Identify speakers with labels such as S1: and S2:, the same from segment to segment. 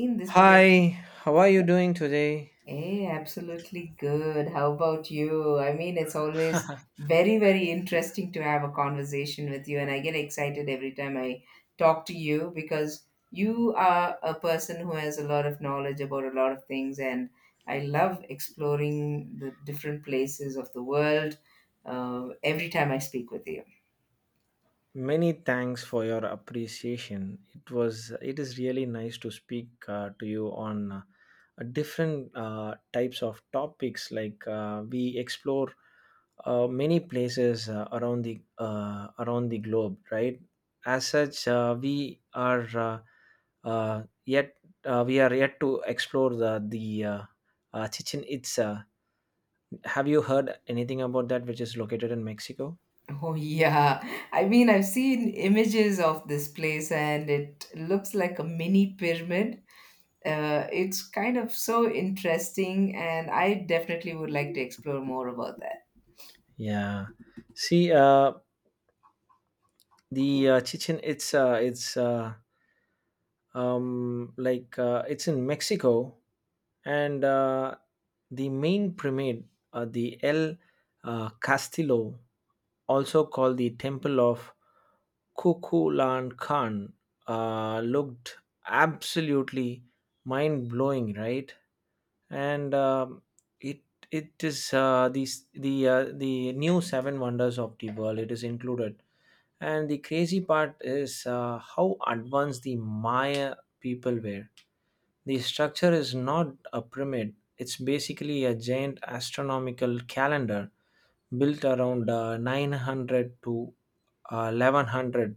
S1: Seen this, but I didn't.
S2: Hi, how are you doing today?
S1: Hey, absolutely good. How about you? I mean, it's always very, very interesting to have a conversation with you, and I get excited every time I talk to you because you are a person who has a lot of knowledge about a lot of things, and I love exploring the different places of the world every time I speak with you.
S2: Many thanks for your appreciation. It is really nice to speak to you on different types of topics. Like we explore many places around the globe, right? As such, we are yet we are yet to explore the Chichen Itza. Have you heard anything about that, which is located in Mexico?
S1: Oh, yeah. I mean, I've seen images of this place and it looks like a mini pyramid. It's kind of so interesting, and I definitely would like to explore more about that.
S2: Yeah. See, the Chichen Itza, it's it's in Mexico, and the main pyramid, the El Castillo, also called the Temple of Kukulan Khan, looked absolutely mind blowing, right? And it it is the new seven wonders of the world. It is included, and the crazy part is how advanced the Maya people were. The structure is not a pyramid, it's basically a giant astronomical calendar built around 900 to 1100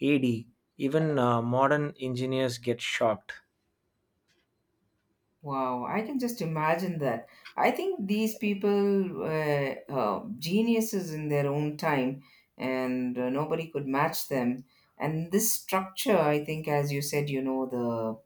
S2: AD. Even modern engineers get shocked.
S1: Wow, I can just imagine that. I think these people were geniuses in their own time, and nobody could match them. And this structure, I think, as you said, you know, the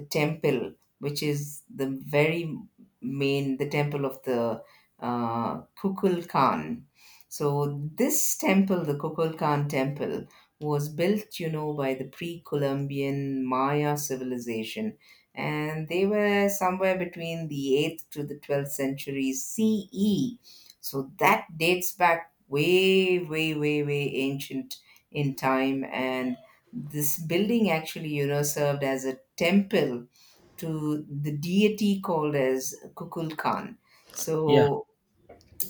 S1: the temple, which is the very main, the temple of the Kukul Khan. So this temple, the Kukul Khan temple, was built, you know, by the pre-Columbian Maya civilization, and they were somewhere between the 8th to the 12th century CE. So that dates back way, way, way, way ancient in time. And this building actually, you know, served as a temple to the deity called as Kukulkan.
S2: Yeah,
S1: So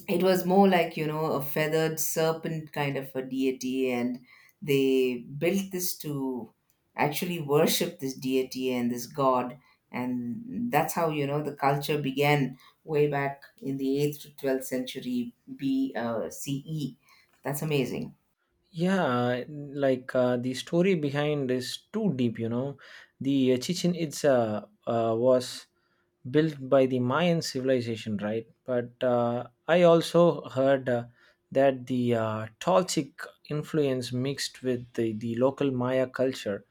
S1: it was more like, you know, a feathered serpent kind of a deity, and they built this to actually worship this deity and this god, and that's how, you know, the culture began way back in the 8th to 12th century CE. That's amazing.
S2: yeah, like the story behind is too deep. The Chichen Itza was built by the Mayan civilization, right? But I also heard that the Toltec influence mixed with the local Maya culture.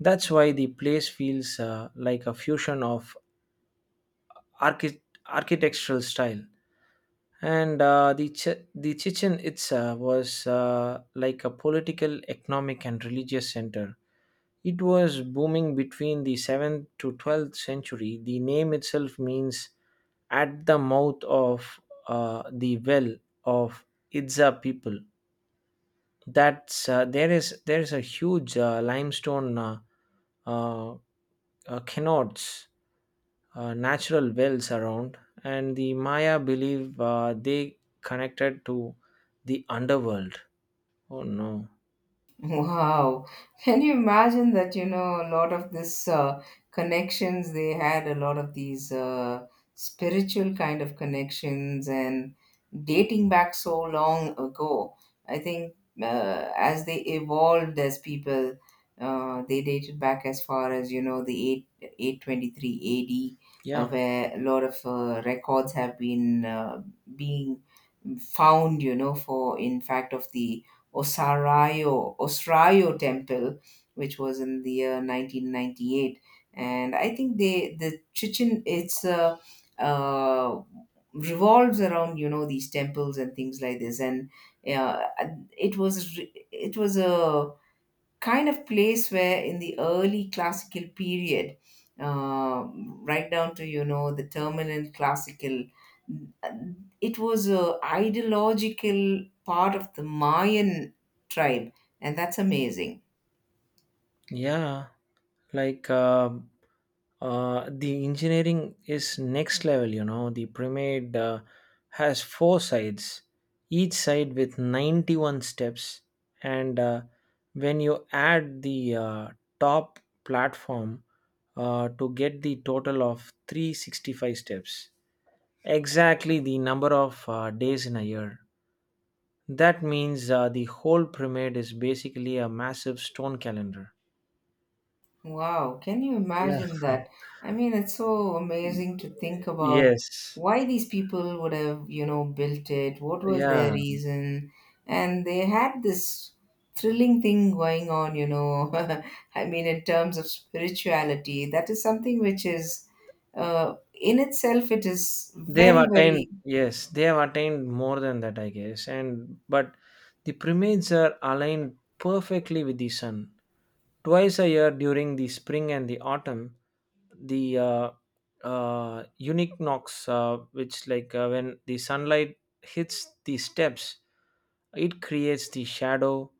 S2: That's why the place feels like a fusion of archi- architectural style. And the Chichen Itza was like a political, economic, and religious center. It was booming between the 7th to 12th century. The name itself means at the mouth of the well of Itza people. That's there is a huge limestone uh, canards natural wells around, and the Maya believe they connected to the underworld. Oh no!
S1: Wow. Can you imagine that, you know, a lot of this connections, they had a lot of these spiritual kind of connections and dating back so long ago. I think as they evolved as people, they dated back as far as, you know, the 823 AD,
S2: Yeah,
S1: where a lot of records have been being found, you know, for in fact of the Osrayo Temple, which was in the year 1998. And I think the Chichen it's uh, revolves around, you know, these temples and things like this. And uh, it was a kind of place where in the early classical period, uh, right down to, you know, the terminal classical, it was a ideological part of the Mayan tribe. And that's amazing.
S2: yeah. Like the engineering is next level. You know, the pyramid has four sides, each side with 91 steps, and when you add the top platform to get the total of 365 steps. Exactly the number of days in a year. That means the whole pyramid is basically a massive stone calendar.
S1: Wow, can you
S2: Yeah.
S1: imagine that? I mean, it's so amazing to think about
S2: Yes.
S1: why these people would have, you know, built it, what was their
S2: Yeah.
S1: reason, and they had this thrilling thing going on, you know. I mean, in terms of spirituality, that is something which is, in itself, it is
S2: They have
S1: very, very,
S2: attained. Yes, they have attained more than that, I guess. And but the pyramids are aligned perfectly with the sun. Twice a year during the spring and the autumn, the unique knocks, which like when the sunlight hits the steps, it creates the shadow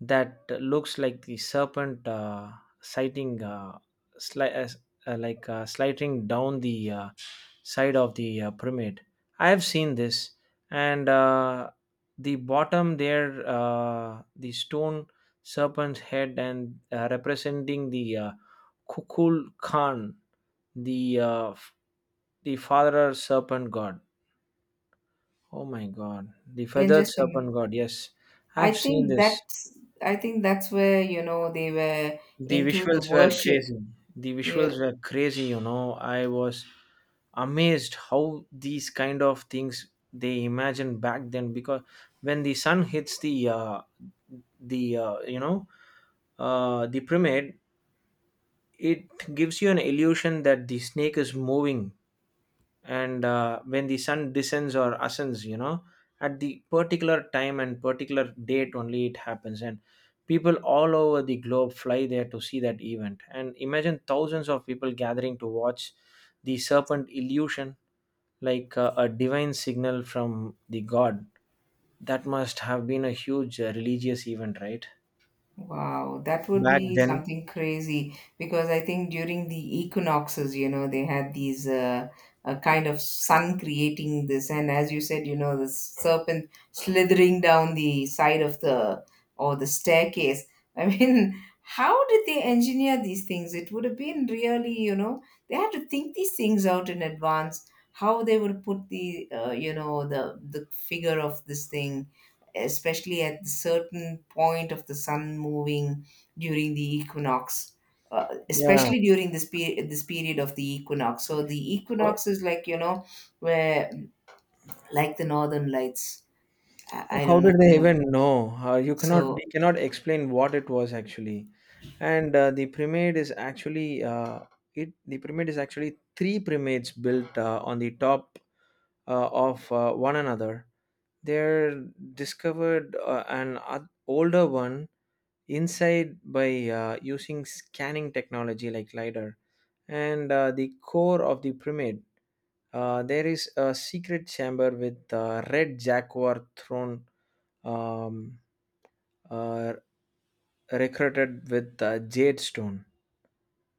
S2: that looks like the serpent sighting, sli- uh, s- sliding down the side of the pyramid. I have seen this, and the bottom there, the stone serpent's head, and representing the Kukul Khan, the uh, f- the father serpent god. Oh my god, the
S1: and
S2: feathered
S1: just, um,
S2: serpent god. Yes,
S1: I
S2: I've seen
S1: think
S2: this.
S1: that's, where, you know, they were
S2: The
S1: into the
S2: visuals were
S1: worship.
S2: crazy. The
S1: Yeah.
S2: visuals were crazy, you know. I was amazed how these kind of things they imagined back then, because when the sun hits the uh, you know the pyramid, it gives you an illusion that the snake is moving. And when the sun descends or ascends, you know, at the particular time and particular date, only it happens. And people all over the globe fly there to see that event. And imagine thousands of people gathering to watch the serpent illusion like a divine signal from the god. That must have been a huge religious event, right?
S1: Wow, that would
S2: Back
S1: be
S2: then,
S1: something crazy, because I think during the equinoxes, you know, they had these a kind of sun creating this, and as you said, you know, the serpent slithering down the side of the or the staircase. I mean, how did they engineer these things? It would have been really, you know, they had to think these things out in advance. How they would put the, you know, the figure of this thing, especially at the certain point of the sun moving during the equinox,
S2: yeah.
S1: especially during this period, of the equinox. So the equinox is like, you know, where like the northern lights. I
S2: How
S1: don't know if
S2: did
S1: you
S2: they
S1: know.
S2: even know? You cannot.
S1: So
S2: We cannot explain what it was actually. And the pyramid is actually it. The pyramid is actually three pyramids built on the top of one another. They're discovered older one inside by using scanning technology like lidar, and the core of the pyramid. There is a secret chamber with red jaguar throne. Um, uh, recruited with jade stone.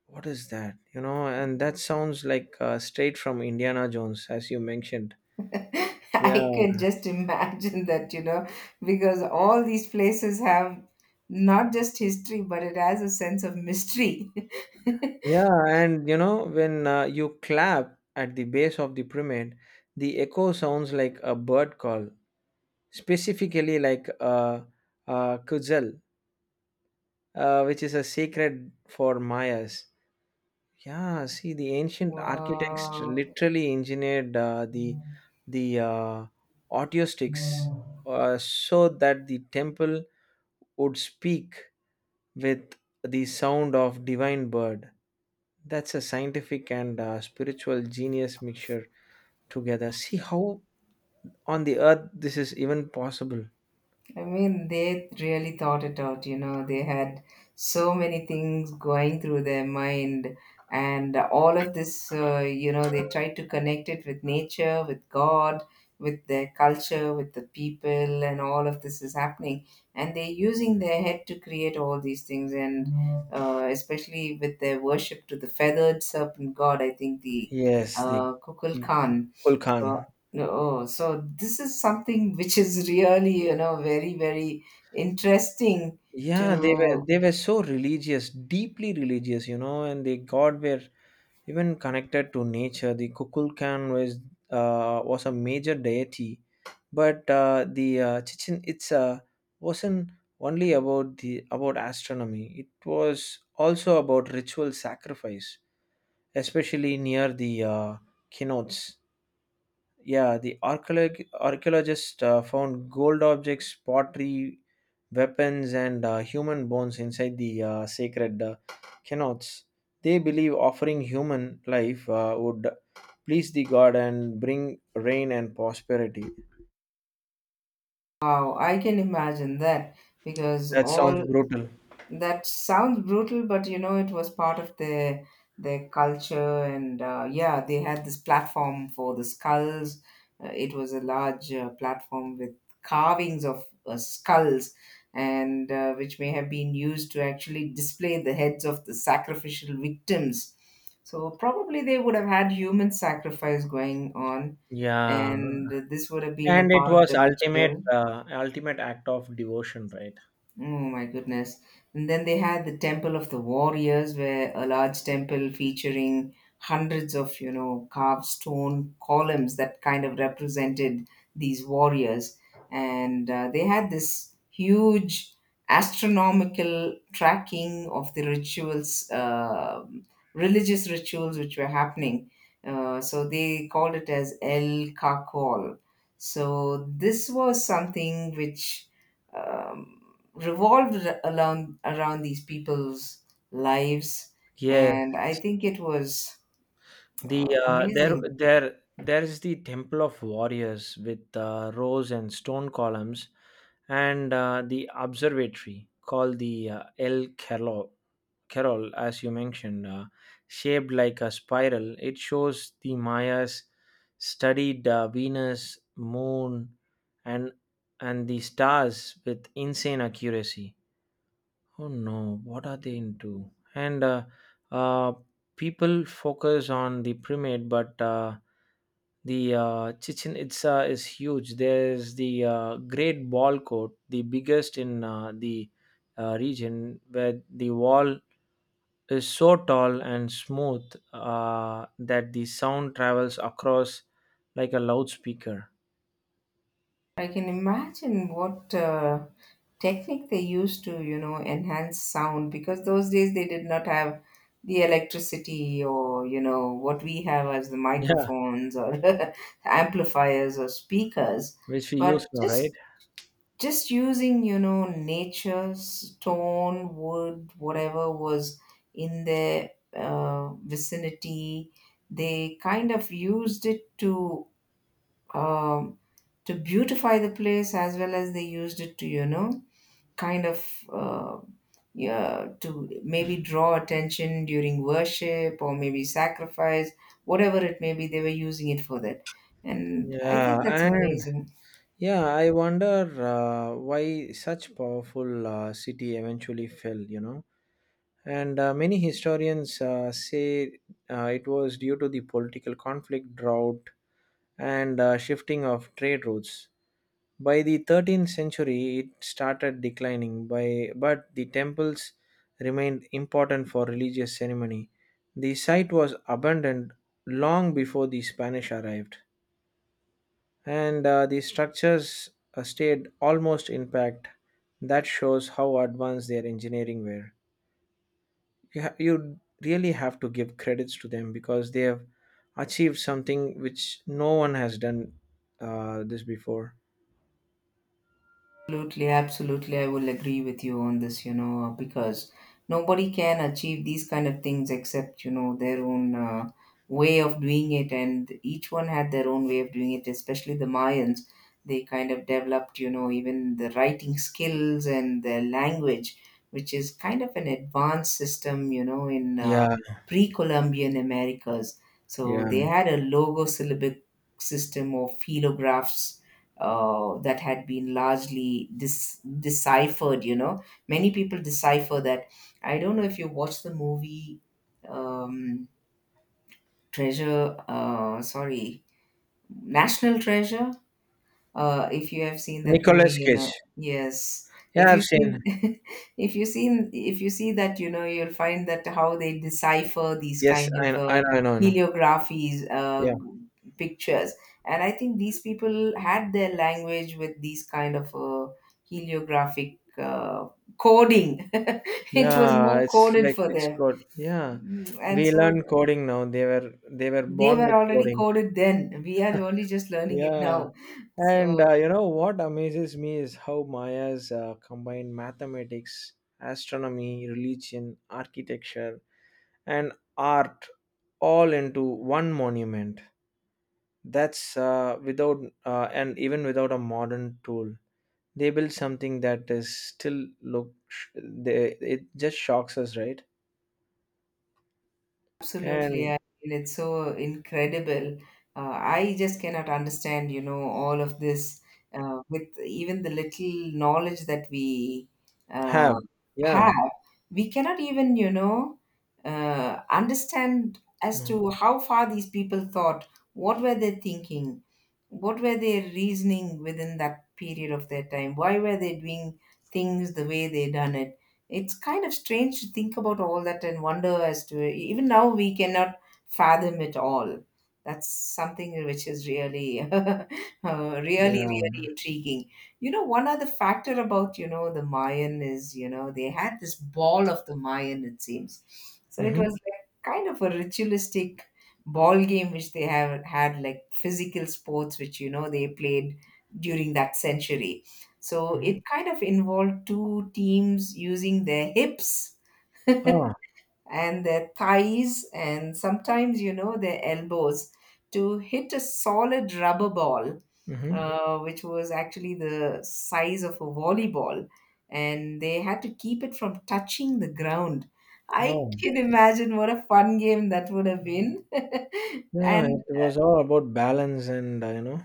S2: What is that? You know, and that sounds like straight from Indiana Jones, as you mentioned.
S1: I
S2: Yeah,
S1: can just imagine that, you know, because all these places have not just history, but it has a sense of mystery.
S2: yeah, and you know, when you clap at the base of the pyramid, the echo sounds like a bird call, specifically like a kuzel, which is a secret for Mayas. Yeah, see, the ancient architects
S1: Wow.
S2: literally engineered the audio sticks so that the temple would speak with the sound of divine bird. That's a scientific and spiritual genius mixture together. See how on the earth this is even possible.
S1: I mean, they really thought it out, you know, they had so many things going through their mind, and all of this, you know, they tried to connect it with nature, with God, with their culture, with the people, and all of this is happening. And they're using their head to create all these things, and especially with their worship to the feathered serpent god, I think the
S2: Yes, the
S1: Kukulkan,
S2: Gul.
S1: so, no, oh, so this is something which is really, you know, very, very interesting
S2: Yeah, they were,
S1: to,
S2: they were so religious, deeply religious, you know. And they god were even connected to nature. The Kukulkan was a major deity, but the Chichen Itza wasn't only about the about astronomy. It was also about ritual sacrifice, especially near the keynotes. Yeah, the archaeologists found gold objects, pottery, weapons, and human bones inside the sacred cenotes. They believe offering human life would please the god and bring rain and prosperity.
S1: wow, I can imagine that, because
S2: That sounds
S1: all
S2: brutal.
S1: that sounds brutal, but, you know, it was part of their culture, and yeah, they had this platform for the skulls. It was a large platform with carvings of skulls, and which may have been used to actually display the heads of the sacrificial victims. So probably they would have had human sacrifice going on,
S2: Yeah,
S1: and this would have been a
S2: and it
S1: part of
S2: was
S1: the
S2: ultimate,
S1: ritual.
S2: ultimate act of devotion, right?
S1: Oh my goodness. And then they had the Temple of the Warriors, where a large temple featuring hundreds of, you know, carved stone columns that kind of represented these warriors. And they had this huge astronomical tracking of the rituals, religious rituals which were happening. So they called it as El Kakol. So this was something which. Um, revolved around these people's lives.
S2: Yes,
S1: And I think it was
S2: the uh, there
S1: amazing.
S2: there there is the Temple of Warriors with rose and stone columns, and the observatory called the El Carol, Carol, as you mentioned, shaped like a spiral. It shows the Mayas studied Venus, Moon, and and the stars with insane accuracy. Oh no, what are they into? And uh, people focus on the primate, but the Chichen Itza is huge. There's the Great Ball Court, the biggest in the region, where the wall is so tall and smooth that the sound travels across like a loudspeaker.
S1: I can imagine what technique they used to, you know, enhance sound, because those days they did not have the electricity, or, you know, what we have as the
S2: Yeah,
S1: microphones or amplifiers or speakers,
S2: which we
S1: but
S2: use now,
S1: just
S2: right?
S1: just using, you know, nature, stone, wood, whatever was in their vicinity, they kind of used it um, to beautify the place, as well as they used it to, you know, kind of uh, yeah, to maybe draw attention during worship or maybe sacrifice, whatever it may be, they were using it for that. And I
S2: Yeah,
S1: think that's
S2: and
S1: amazing.
S2: yeah, I wonder why such powerful city eventually fell. And many historians say it was due to the political conflict, drought, and shifting of trade routes. By the 13th century, it started declining, but the temples remained important for religious ceremony. The site was abandoned long before the Spanish arrived, and the structures stayed almost intact. That shows how advanced their engineering were. You really have to give credits to them, because they have achieved something which no one has done this before.
S1: Absolutely, absolutely. I will agree with you on this, you know, because nobody can achieve these kind of things except, you know, their own way of doing it. And each one had their own way of doing it, especially the Mayans. They kind of developed, you know, even the writing skills and their language, which is kind of an advanced system, you know, in
S2: Yeah,
S1: pre Columbian Americas. So
S2: yeah.
S1: they had a logosyllabic system of phelographs that had been largely deciphered. You know, many people decipher that. I don't know if you watched the movie um, Treasure. Sorry, National Treasure. If you have seen that movie,
S2: Nicolas
S1: you
S2: Cage.
S1: know, yes,
S2: Yeah,
S1: if you
S2: I've
S1: seen
S2: seen.
S1: if you see that, you know, you'll find that how they decipher these
S2: Yes,
S1: kind
S2: I
S1: of
S2: know, I know, I know. I know.
S1: heliographies,
S2: Yeah,
S1: pictures. And I think these people had their language with these kind of heliographic coding. It was
S2: yeah.
S1: more
S2: It's
S1: coded
S2: like
S1: for
S2: it's
S1: them.
S2: good. Yeah,
S1: And
S2: we
S1: so
S2: learn coding now. They were
S1: they
S2: born
S1: were
S2: with
S1: already
S2: coding.
S1: coded, then we are only just learning it
S2: Yeah,
S1: now.
S2: and
S1: so
S2: you know what amazes me is how Maya's combined mathematics, astronomy, religion, architecture, and art all into one monument. That's without and even without a modern tool, they build something that is still look. It just shocks us, right?
S1: Absolutely, I
S2: And
S1: mean it's so incredible. I just cannot understand, you know, all of this with even the little knowledge that we uh,
S2: have. Yeah,
S1: have. We cannot even, you know, understand as
S2: no,
S1: to how far these people thought, what were they thinking, what were they reasoning within that period of their time, why were they doing things the way they done it. It's kind of strange to think about all that and wonder as to even now we cannot fathom it all. That's something which is really really
S2: yeah,
S1: really intriguing. You know, one other factor about, you know, the Mayan is, you know, they had this ball of the Mayan, it seems. So it
S2: mm-hmm.
S1: was like kind of a ritualistic ball game which they have had, like physical sports which, you know, they played during that century. So it kind of involved two teams using their hips
S2: Ah,
S1: and their thighs, and sometimes, you know, their elbows to hit a solid rubber ball
S2: mm-hmm.
S1: which was actually the size of a volleyball, and they had to keep it from touching the ground. I
S2: Oh,
S1: can imagine what a fun game that would have been.
S2: yeah,
S1: and
S2: it was all about balance, and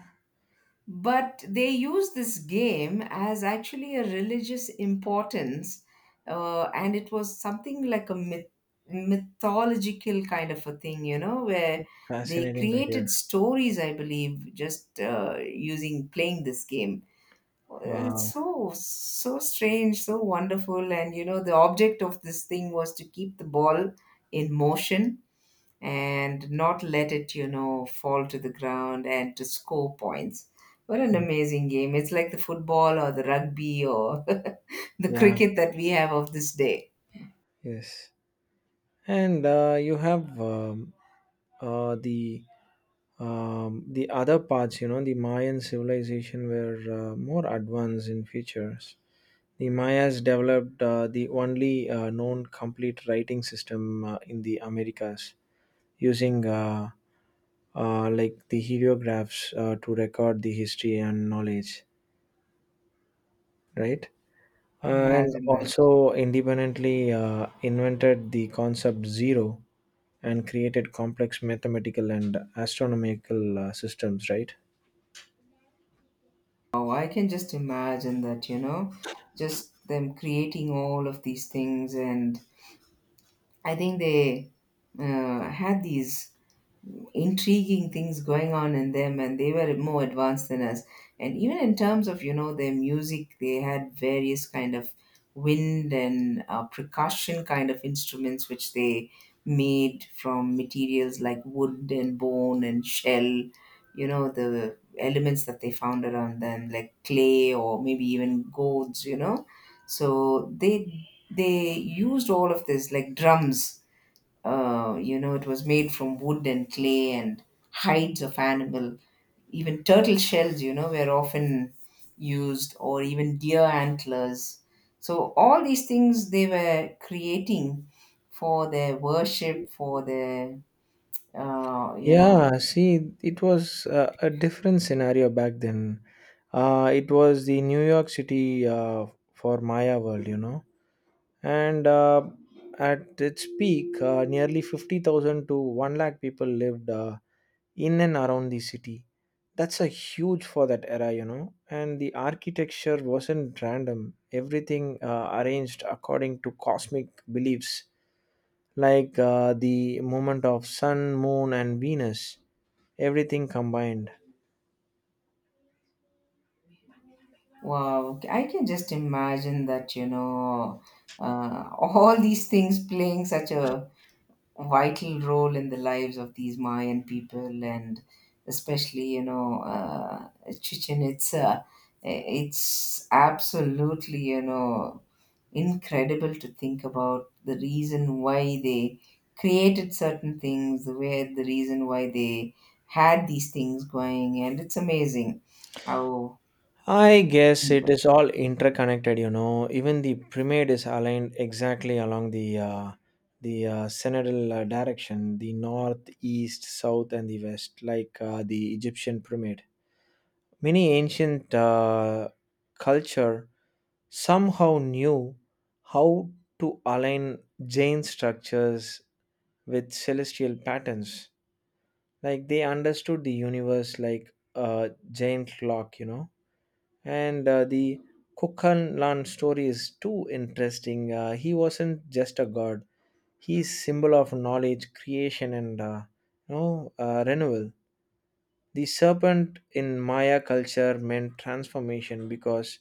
S1: But they use this game as actually a religious importance, and it was something like a mythological kind of a thing, you know, where they
S2: Fascinating to
S1: created
S2: hear.
S1: stories, I believe, just using playing this game. Uh, It's
S2: Wow.
S1: so so strange, so wonderful, and you know, the object of this thing was to keep the ball in motion and not let it, you know, fall to the ground and to score points. What an amazing game. It's like the football or the rugby or the
S2: Yeah.
S1: cricket that we have of this day.
S2: Yes. And you have uh, the the other parts. You know, the Mayan civilization were more advanced in features. The Mayas developed the only known complete writing system in the Americas, using like the heliographs to record the history and knowledge. Right. And
S1: Imagine that.
S2: also independently invented the concept zero and created complex mathematical and astronomical systems, right?
S1: Oh, I can just imagine that, you know, just them creating all of these things. And I think they had these intriguing things going on in them, and they were more advanced than us. And even in terms of, you know, their music, they had various kind of wind and percussion kind of instruments, which they made from materials like wood and bone and shell, you know, the elements that they found around them, like clay or maybe even gourds, you know. So they used all of this like drums. It was made from wood and clay and hides of animal. Even turtle shells, you know, were often used, or even deer antlers. So all these things they were creating for their worship, for their, uh, you know,
S2: Yeah, see it was a different scenario back then. It was the New York City for Maya world, you know. And at its peak, nearly 50,000 to 1 lakh people lived in and around the city. That's a huge for that era, you know. And the architecture wasn't random, everything arranged according to cosmic beliefs, like the movement of sun, moon, and Venus, everything combined.
S1: wow. I can just imagine that, you know, all these things playing such a vital role in the lives of these Mayan people. And especially, you know, Chichen Itza. It's absolutely, you know, incredible to think about the reason why they created certain things, the way the reason why they had these things going, and it's amazing how.
S2: I guess it
S1: Mm,
S2: is all interconnected, you know. Even the pyramid is aligned exactly along the synodal direction, the north, east, south, and the west, like the Egyptian pyramid. Many ancient culture somehow knew how to align Jain structures with celestial patterns. Like they understood the universe like a Jain clock, you know. And the Kukanlan story is too interesting. He wasn't just a god; he's symbol of knowledge, creation, and renewal. The serpent in Maya culture meant transformation, because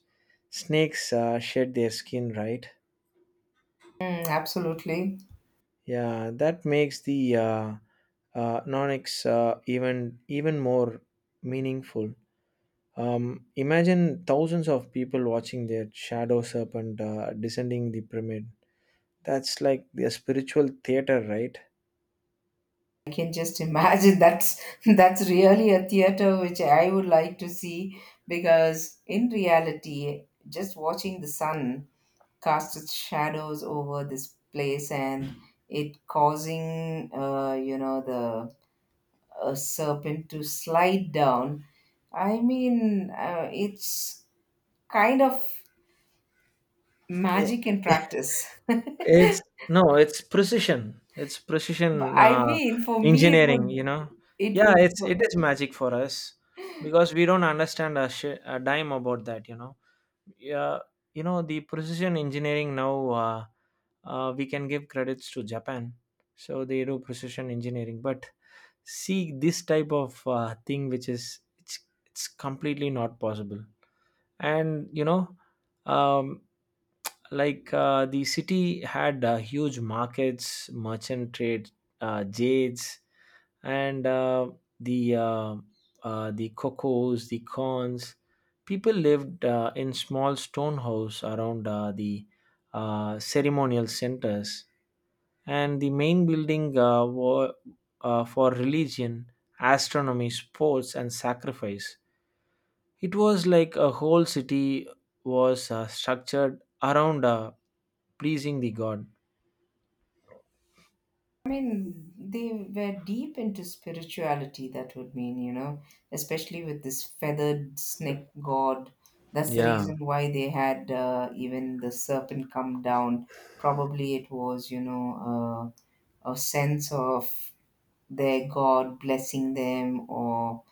S2: snakes shed their skin, right?
S1: absolutely.
S2: Yeah, that makes the nonics even even more meaningful. Imagine thousands of people watching their shadow serpent descending the pyramid. That's like the spiritual theater, right?
S1: I can just imagine that's really a theater which I would like to see, because in reality, just watching the sun cast its shadows over this place and it causing, you know, the serpent to slide down. I mean, it's kind of
S2: I-
S1: magic in practice.
S2: it's. No, it's precision, it's
S1: But
S2: precision
S1: I mean, for me,
S2: engineering, you know.
S1: it
S2: Yeah,
S1: would
S2: it's it is magic for us, because we don't understand a dime about that, you know. Yeah, you know the precision engineering now, we can give credits to Japan. So they do precision engineering, but see this type of thing which is, it's completely not possible. And you know, um, like the city had huge markets, merchant trade, jades, and the uh, the cocos, the corns. People lived in small stone house around the ceremonial centers, and the main building were for religion, astronomy, sports and sacrifice. It was like a whole city was structured around pleasing the god.
S1: I mean, they were deep into spirituality, that would mean, you know, especially with this feathered snake god. That's the
S2: Yeah.
S1: reason why they had even the serpent come down. Probably it was, you know, uh, a sense of their god blessing them, or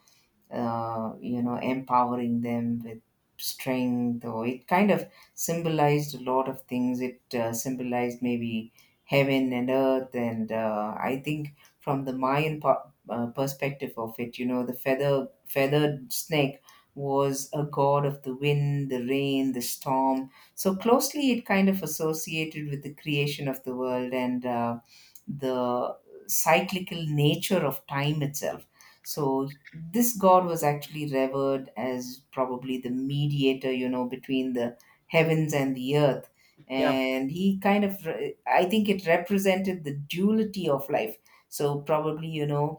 S1: you know, empowering them with strength, or it kind of symbolized a lot of things. It symbolized maybe heaven and earth. And I think from the perspective of it, you know, the feathered snake was a god of the wind, the rain, the storm. So closely, it kind of associated with the creation of the world and, the cyclical nature of time itself. So this god was actually revered as probably the mediator, you know, between the heavens and the earth.
S2: Yeah,
S1: And he kind of I think it represented the duality of life. So probably, you know,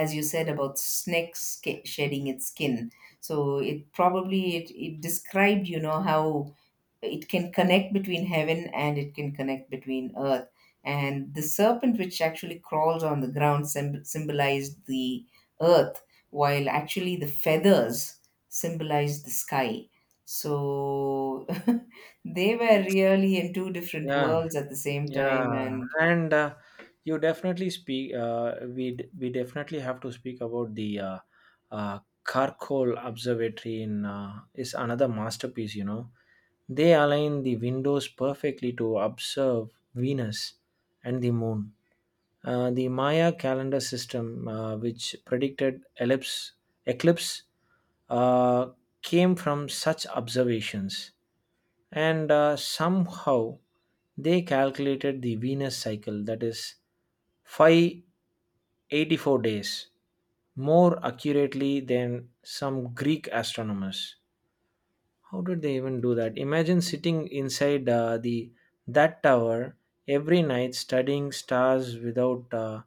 S1: as you said about shedding its skin, so it probably it described, you know, how it can connect between heaven and it can connect between earth. And the serpent, which actually crawls on the ground, symbolized the earth, while actually the feathers symbolized the sky. So they were really in two different
S2: yeah,
S1: worlds at the same time.
S2: yeah.
S1: And
S2: And you definitely speak. We definitely have to speak about the Karkol Observatory in is another masterpiece. You know, they align the windows perfectly to observe Venus and the moon. The Maya calendar system, which predicted ellipse, eclipse, uh, came from such observations, and somehow they calculated the Venus cycle, that is 584 days, more accurately than some Greek astronomers. How did they even do that? Imagine sitting inside the that tower every night, studying stars without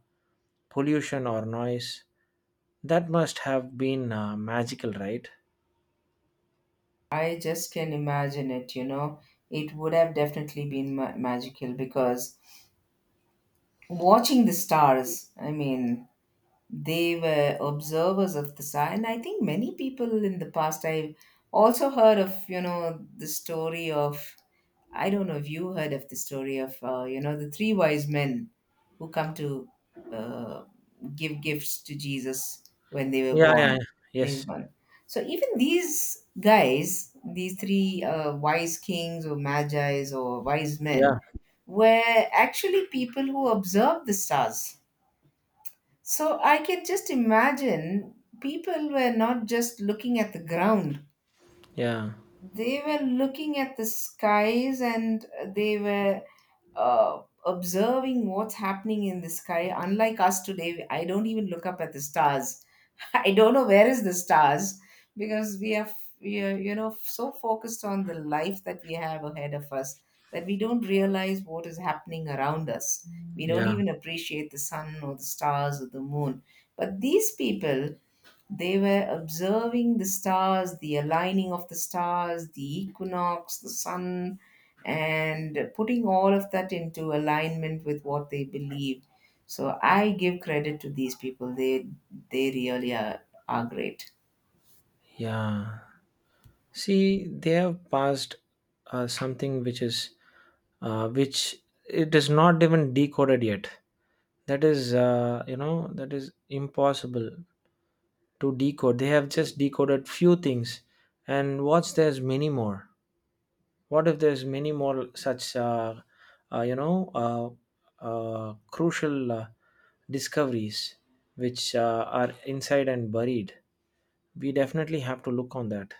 S2: pollution or noise. That must have been magical, right?
S1: I just can imagine it, you know, it would have definitely been magical, because watching the stars, I mean, they were observers of the sign. I think many people in the past, I've also heard of, you know, the story of, I don't know if you heard of the story of, you know, the three wise men who come to uh, give gifts to Jesus when they were
S2: Yeah, yeah, yeah.
S1: born. When he's
S2: Yes,
S1: born. So even these guys, these three wise kings or magis or wise men,
S2: yeah,
S1: were actually people who observed the stars. So I can just imagine people were not just looking at the ground,
S2: yeah,
S1: they were looking at the skies, and they were observing what's happening in the sky. Unlike us today, I don't even look up at the stars. I don't know where is the stars, because we are you know, so focused on the life that we have ahead of us, that we don't realize what is happening around us. We don't
S2: yeah,
S1: even appreciate the sun or the stars or the moon. But these people, they were observing the stars, the aligning of the stars, the equinox, the sun, and putting all of that into alignment with what they believed. So I give credit to these people. They really are great.
S2: yeah. See, they have passed something which is, which it is not even decoded yet. That is, you know, that is impossible to decode. They have just decoded few things, and what's there's many more. What if there's many more such, crucial discoveries which are inside and buried? We definitely have to look on that.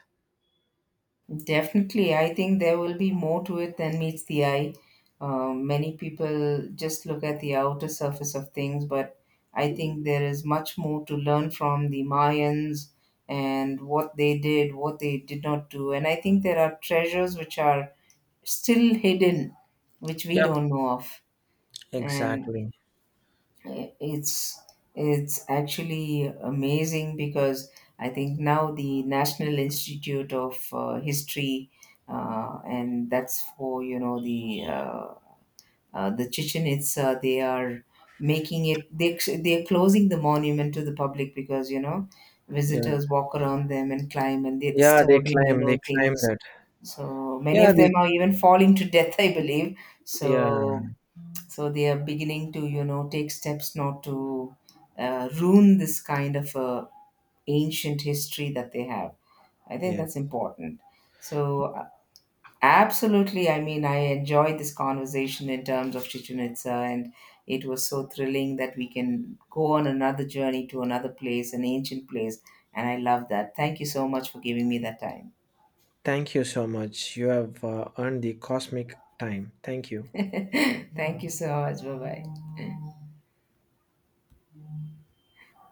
S1: Definitely, I think there will be more to it than meets the eye. Many people just look at the outer surface of things, but I think there is much more to learn from the Mayans and what they did not do. And I think there are treasures which are still hidden, which we
S2: Yeah,
S1: don't know of. And
S2: exactly.
S1: it's it's actually amazing because I think now the National Institute of History and that's for, you know, the Chichen Itza. They are making it, they are closing the monument to the public, because, you know,
S2: Yeah,
S1: visitors walk around them and climb and they're
S2: yeah, they
S1: disturbing, you
S2: claim, they
S1: know,
S2: claim
S1: things.
S2: that.
S1: So many
S2: Yeah,
S1: of
S2: the
S1: them are even falling to death, I believe.
S2: yeah,
S1: so so they are beginning to, you know, take steps not to ruin this kind of ancient history that they have. I think that's
S2: yes.
S1: important. So, absolutely, I mean, I enjoyed this conversation in terms of Chichen Itza, and it was so thrilling that we can go on another journey to another place, an ancient place. And I love that. Thank you so much for giving me that time.
S2: Thank you so much. You have earned the cosmic time. Thank you.
S1: Thank you so much. Bye bye.